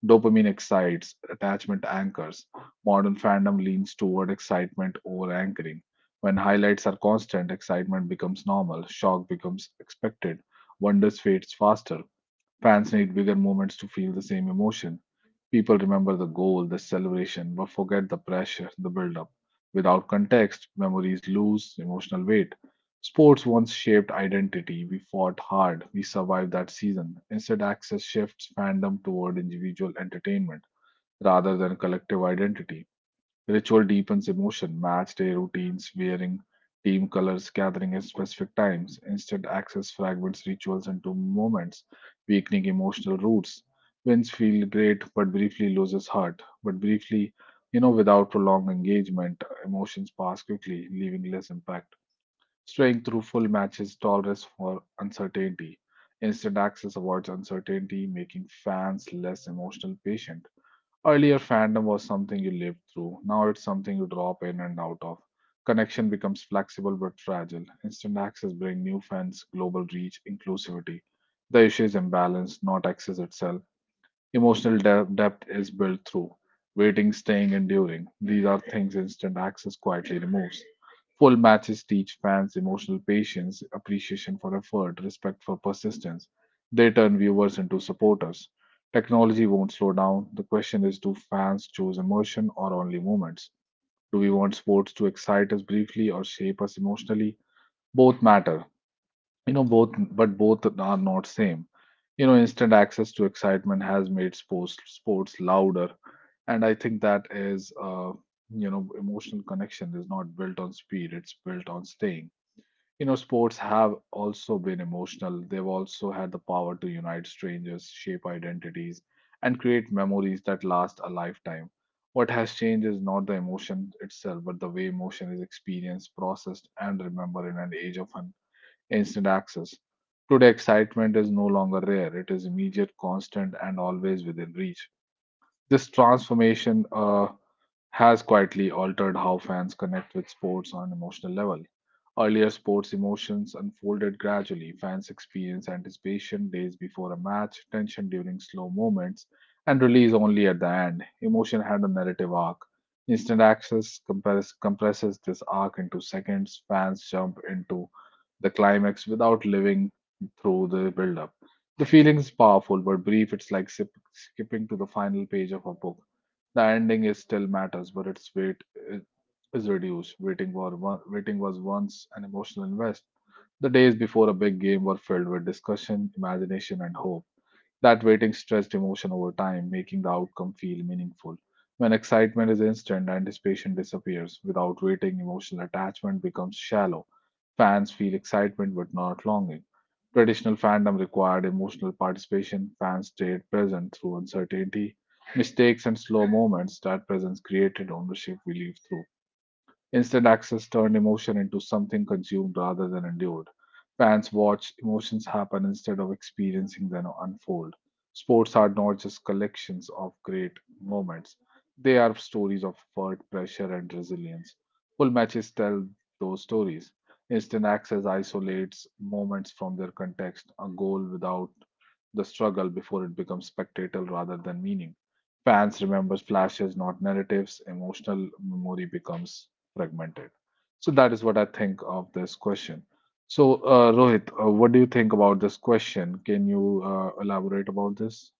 [SPEAKER 1] Dopamine excites, attachment anchors. Modern fandom leans toward excitement over anchoring. When highlights are constant, excitement becomes normal, shock becomes expected, wonders fades faster. Fans need bigger moments to feel the same emotion. People remember the goal, the celebration, but forget the pressure, the build-up. Without context, memories lose emotional weight. Sports once shaped identity. We fought hard. We survived that season. Instead, access shifts fandom toward individual entertainment rather than collective identity. Ritual deepens emotion, match day routines, wearing team colors, gathering at specific times, instead access fragments rituals into moments, weakening emotional roots. Wins feel great but briefly loses heart. But briefly, you know, without prolonged engagement, emotions pass quickly, leaving less impact. Straying through full matches tolerance for uncertainty. Instant access avoids uncertainty, making fans less emotional patient. Earlier, fandom was something you lived through. Now it's something you drop in and out of. Connection becomes flexible but fragile. Instant access brings new fans, global reach, inclusivity. The issue is imbalance, not access itself. Emotional depth is built through waiting, staying, enduring. These are things instant access quietly removes. Full matches teach fans emotional patience, appreciation for effort, respect for persistence. They turn viewers into supporters. Technology won't slow down. The question is, do fans choose emotion or only moments? Do we want sports to excite us briefly or shape us emotionally? Both matter. You know both, but both are not same. You know, instant access to excitement has made sports louder, and I think that is emotional connection is not built on speed, it's built on staying. You know, sports have also been emotional, they've also had the power to unite strangers, shape identities, and create memories that last a lifetime. What has changed is not the emotion itself, but the way emotion is experienced, processed, and remembered in an age of instant access. Today, excitement is no longer rare, it is immediate, constant, and always within reach. This transformation has quietly altered how fans connect with sports on an emotional level. Earlier, sports emotions unfolded gradually. Fans experienced anticipation days before a match, tension during slow moments, and release only at the end. Emotion had a narrative arc. Instant access compresses this arc into seconds. Fans jump into the climax without living through the build up. The feeling is powerful but brief. It's like skipping to the final page of a book. The ending is still matters, but its weight is reduced. Waiting was once an emotional invest. The days before a big game were filled with discussion, imagination, and hope. That waiting stressed emotion over time, making the outcome feel meaningful. When excitement is instant, anticipation disappears. Without waiting, emotional attachment becomes shallow. Fans feel excitement but not longing. Traditional fandom required emotional participation. Fans stayed present through uncertainty, mistakes, and slow moments. That presence created ownership we live through. Instant access turned emotion into something consumed rather than endured. Fans watch emotions happen instead of experiencing them unfold. Sports are not just collections of great moments, they are stories of effort, pressure, and resilience. Full matches tell those stories. Instant access isolates moments from their context, a goal without the struggle before it becomes spectacle rather than meaning. Fans remember flashes, not narratives. Emotional memory becomes fragmented. So that is what I think of this question. So, Rohit, what do you think about this question? Can you elaborate about this?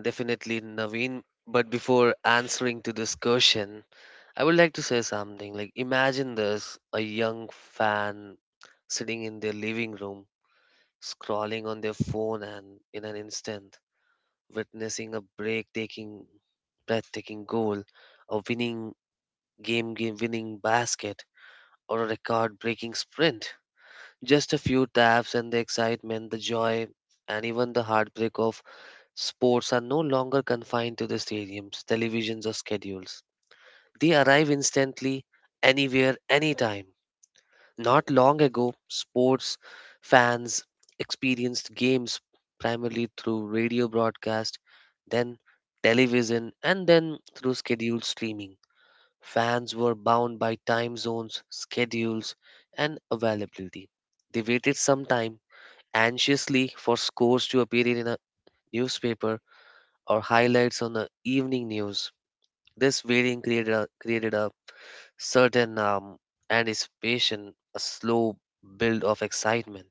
[SPEAKER 2] Definitely, Naveen. But before answering to this question, I would like to say something. Like, imagine this: a young fan sitting in their living room, scrolling on their phone, and in an instant, witnessing a breathtaking goal, a game winning basket, or a record-breaking sprint. Just a few taps, and the excitement, the joy, and even the heartbreak of sports are no longer confined to the stadiums, televisions, or schedules. They arrive instantly, anywhere, anytime. Not long ago, sports fans experienced games primarily through radio broadcast, then television, and then through scheduled streaming. Fans were bound by time zones, schedules, and availability. They waited some time anxiously for scores to appear in a newspaper or highlights on the evening news. This waiting created a certain anticipation, a slow build of excitement.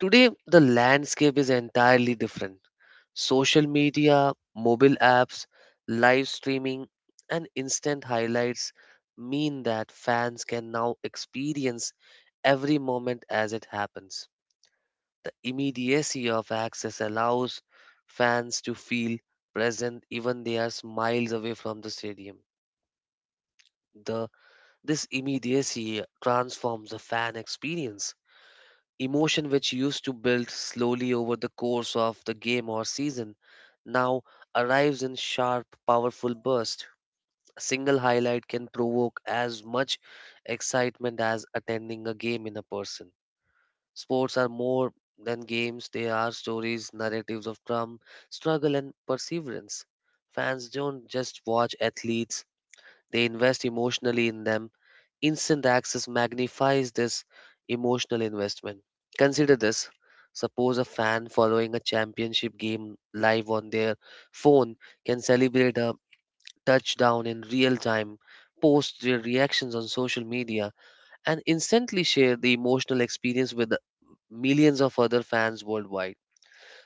[SPEAKER 2] Today, the landscape is entirely different. Social media, mobile apps, live streaming, and instant highlights mean that fans can now experience every moment as it happens. The immediacy of access allows fans to feel present even they are miles away from the stadium. The This immediacy transforms the fan experience. Emotion which used to build slowly over the course of the game or season now arrives in sharp, powerful bursts. A single highlight can provoke as much excitement as attending a game in a person. Sports are more than games, they are stories, narratives of drum, struggle, and perseverance. Fans don't just watch athletes, they invest emotionally in them. Instant access magnifies this emotional investment. Consider this: suppose a fan following a championship game live on their phone can celebrate a touchdown in real time, post their reactions on social media, and instantly share the emotional experience with millions of other fans worldwide.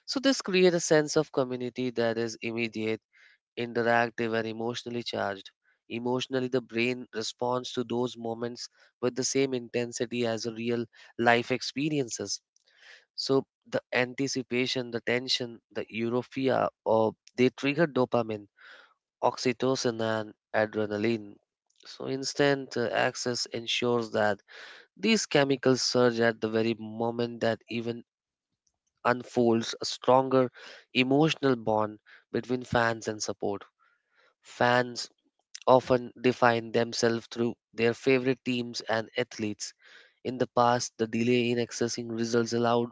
[SPEAKER 2] So, this creates a sense of community that is immediate, interactive, and emotionally charged. Emotionally, the brain responds to those moments with the same intensity as a real life experiences. So, the anticipation, the tension, the euphoria, or they trigger dopamine, oxytocin, and adrenaline. So, instant access ensures that these chemicals surge at the very moment that even unfolds a stronger emotional bond between fans and support. Fans often define themselves through their favorite teams and athletes. In the past, the delay in accessing results allowed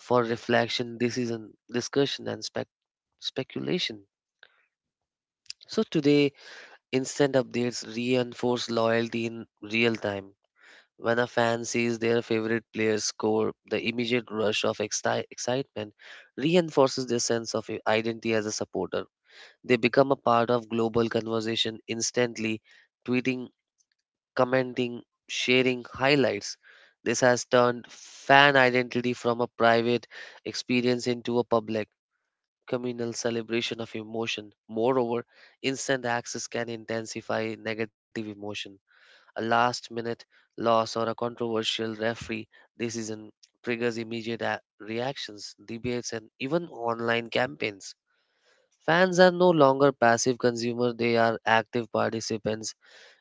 [SPEAKER 2] for reflection, decision, discussion, and speculation. So today, instant updates reinforce loyalty in real time. When a fan sees their favorite player score, the immediate rush of excitement reinforces their sense of identity as a supporter. They become a part of global conversation instantly, tweeting, commenting, sharing highlights. This has turned fan identity from a private experience into a public, communal celebration of emotion. Moreover, instant access can intensify negative emotion: a last minute loss or a controversial referee decision triggers immediate reactions, debates, and even online campaigns. Fans are no longer passive consumers, they are active participants,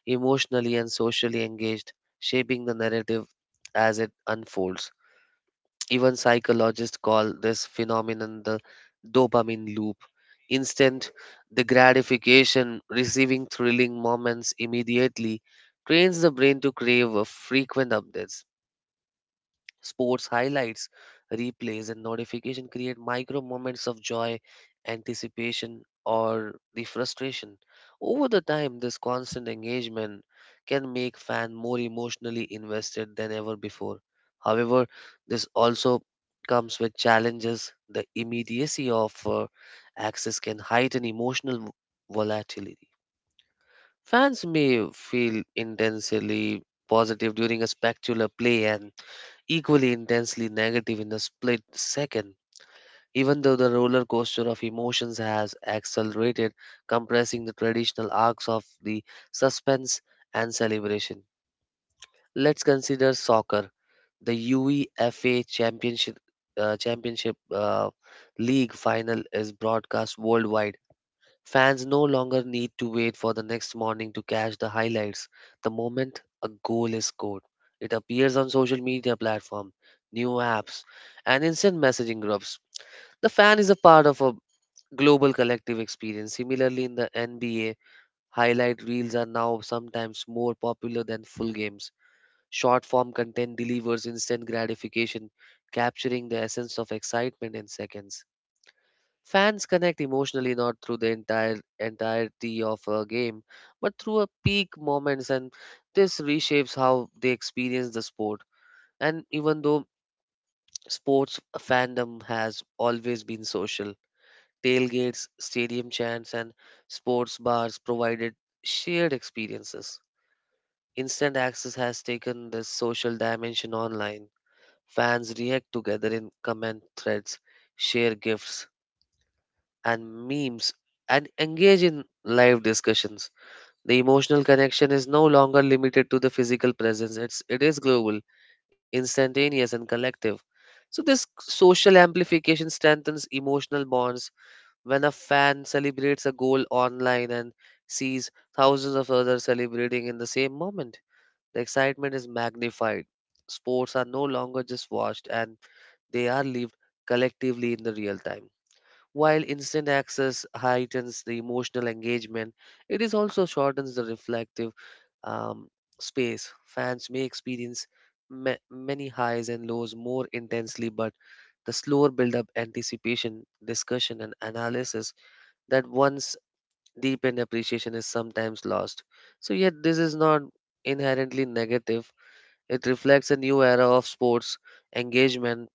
[SPEAKER 2] emotionally and socially engaged, shaping the narrative as it unfolds. Even psychologists call this phenomenon the dopamine loop. Instant, the gratification, receiving thrilling moments immediately, trains the brain to crave frequent updates. Sports highlights, replays, and notification create micro moments of joy, anticipation, or the frustration. Over the time, this constant engagement can make fan more emotionally invested than ever before. However, this also comes with challenges. The immediacy of access can heighten emotional volatility. Fans may feel intensely positive during a spectacular play and equally intensely negative in a split second. Even though the roller coaster of emotions has accelerated, compressing the traditional arcs of the suspense and celebration. Let's consider soccer. The UEFA Championship Championship League final is broadcast worldwide. Fans no longer need to wait for the next morning to catch the highlights. The moment a goal is scored, it appears on social media platform, new apps, and instant messaging groups. The fan is a part of a global collective experience. Similarly, in the NBA, highlight reels are now sometimes more popular than full games. Short form content delivers instant gratification, capturing the essence of excitement in seconds. Fans connect emotionally not through the entire entirety of a game, but through a peak moments, and this reshapes how they experience the sport. And even though sports fandom has always been social, tailgates, stadium chants, and sports bars provided shared experiences. Instant access has taken this social dimension online. Fans react together in comment threads, share gifts, and memes and engage in live discussions. The emotional connection is no longer limited to the physical presence. It is global, instantaneous and collective. So this social amplification strengthens emotional bonds when a fan celebrates a goal online and sees thousands of others celebrating in the same moment. The excitement is magnified. Sports are no longer just watched and they are lived collectively in the real time. While instant access heightens the emotional engagement, it is also shortens the reflective um, space. Fans may experience many highs and lows more intensely, but the slower build-up, anticipation, discussion, and analysis that once deepened appreciation is sometimes lost. So, yet this is not inherently negative. It reflects a new era of sports engagement,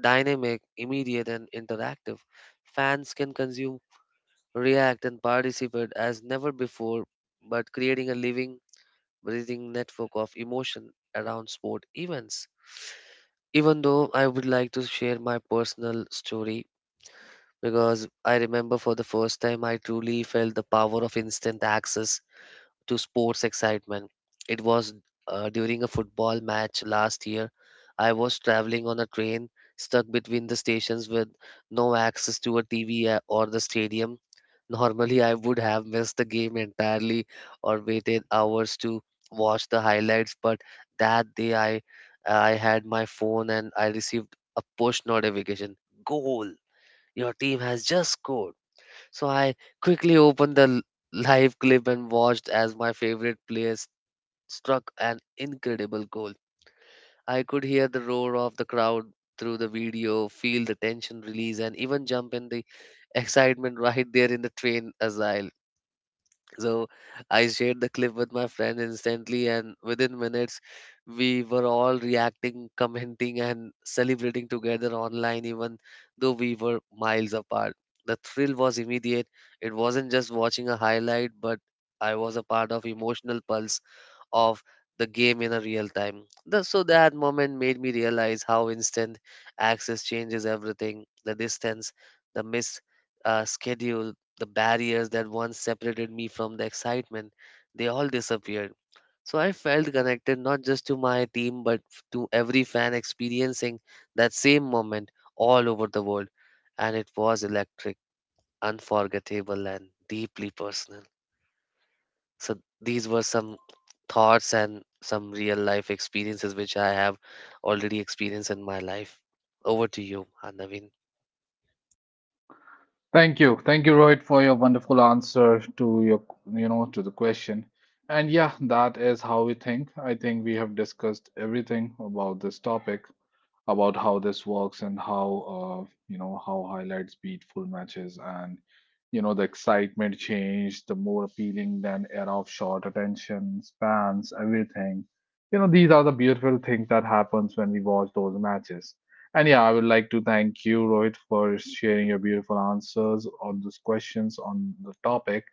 [SPEAKER 2] dynamic, immediate, and interactive. Fans can consume, react, and participate as never before, but creating a living, breathing network of emotion around sport events. Even though I would like to share my personal story because I remember for the first time I truly felt the power of instant access to sports excitement. It was during a football match last year. I was traveling on a train stuck between the stations with no access to a TV or the stadium. Normally, I would have missed the game entirely or waited hours to watch the highlights, but that day I had my phone and I received a push notification. Goal! Your team has just scored. So I quickly opened the live clip and watched as my favorite struck an incredible goal. I could hear the roar of the crowd through the video, feel the tension release, and even jump in the excitement right there in the train as well. So I shared the clip with my friend instantly, and within minutes, we were all reacting, commenting, and celebrating together online, even though we were miles apart. The thrill was immediate. It wasn't just watching a highlight, but I was a part of emotional pulse of the game in a real time. So that moment made me realize how instant access changes everything. The distance, the missed schedule, the barriers that once separated me from the excitement, they all disappeared. So I felt connected not just to my team but to every fan experiencing that same moment all over the world. And it was electric, unforgettable, and deeply personal. So these were some thoughts and some real life experiences which I have already experienced in my life. Over to you, Naveen.
[SPEAKER 1] Thank you. Thank you, Rohit, for your wonderful answer to your, you know, to the question. And yeah, that is how we think. I think we have discussed everything about this topic, about how this works and how, you know, how highlights beat full matches and, you know, the excitement changed, the more appealing than era of short attention spans, everything. You know, these are the beautiful things that happens when we watch those matches. And yeah, I would like to thank you, Rohit, for sharing your beautiful answers on those questions on the topic.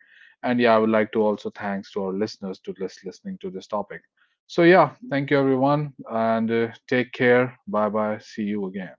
[SPEAKER 1] And yeah, I would like to also thanks to our listeners to listening to this topic. So yeah, thank you everyone, and take care. Bye bye. See you again.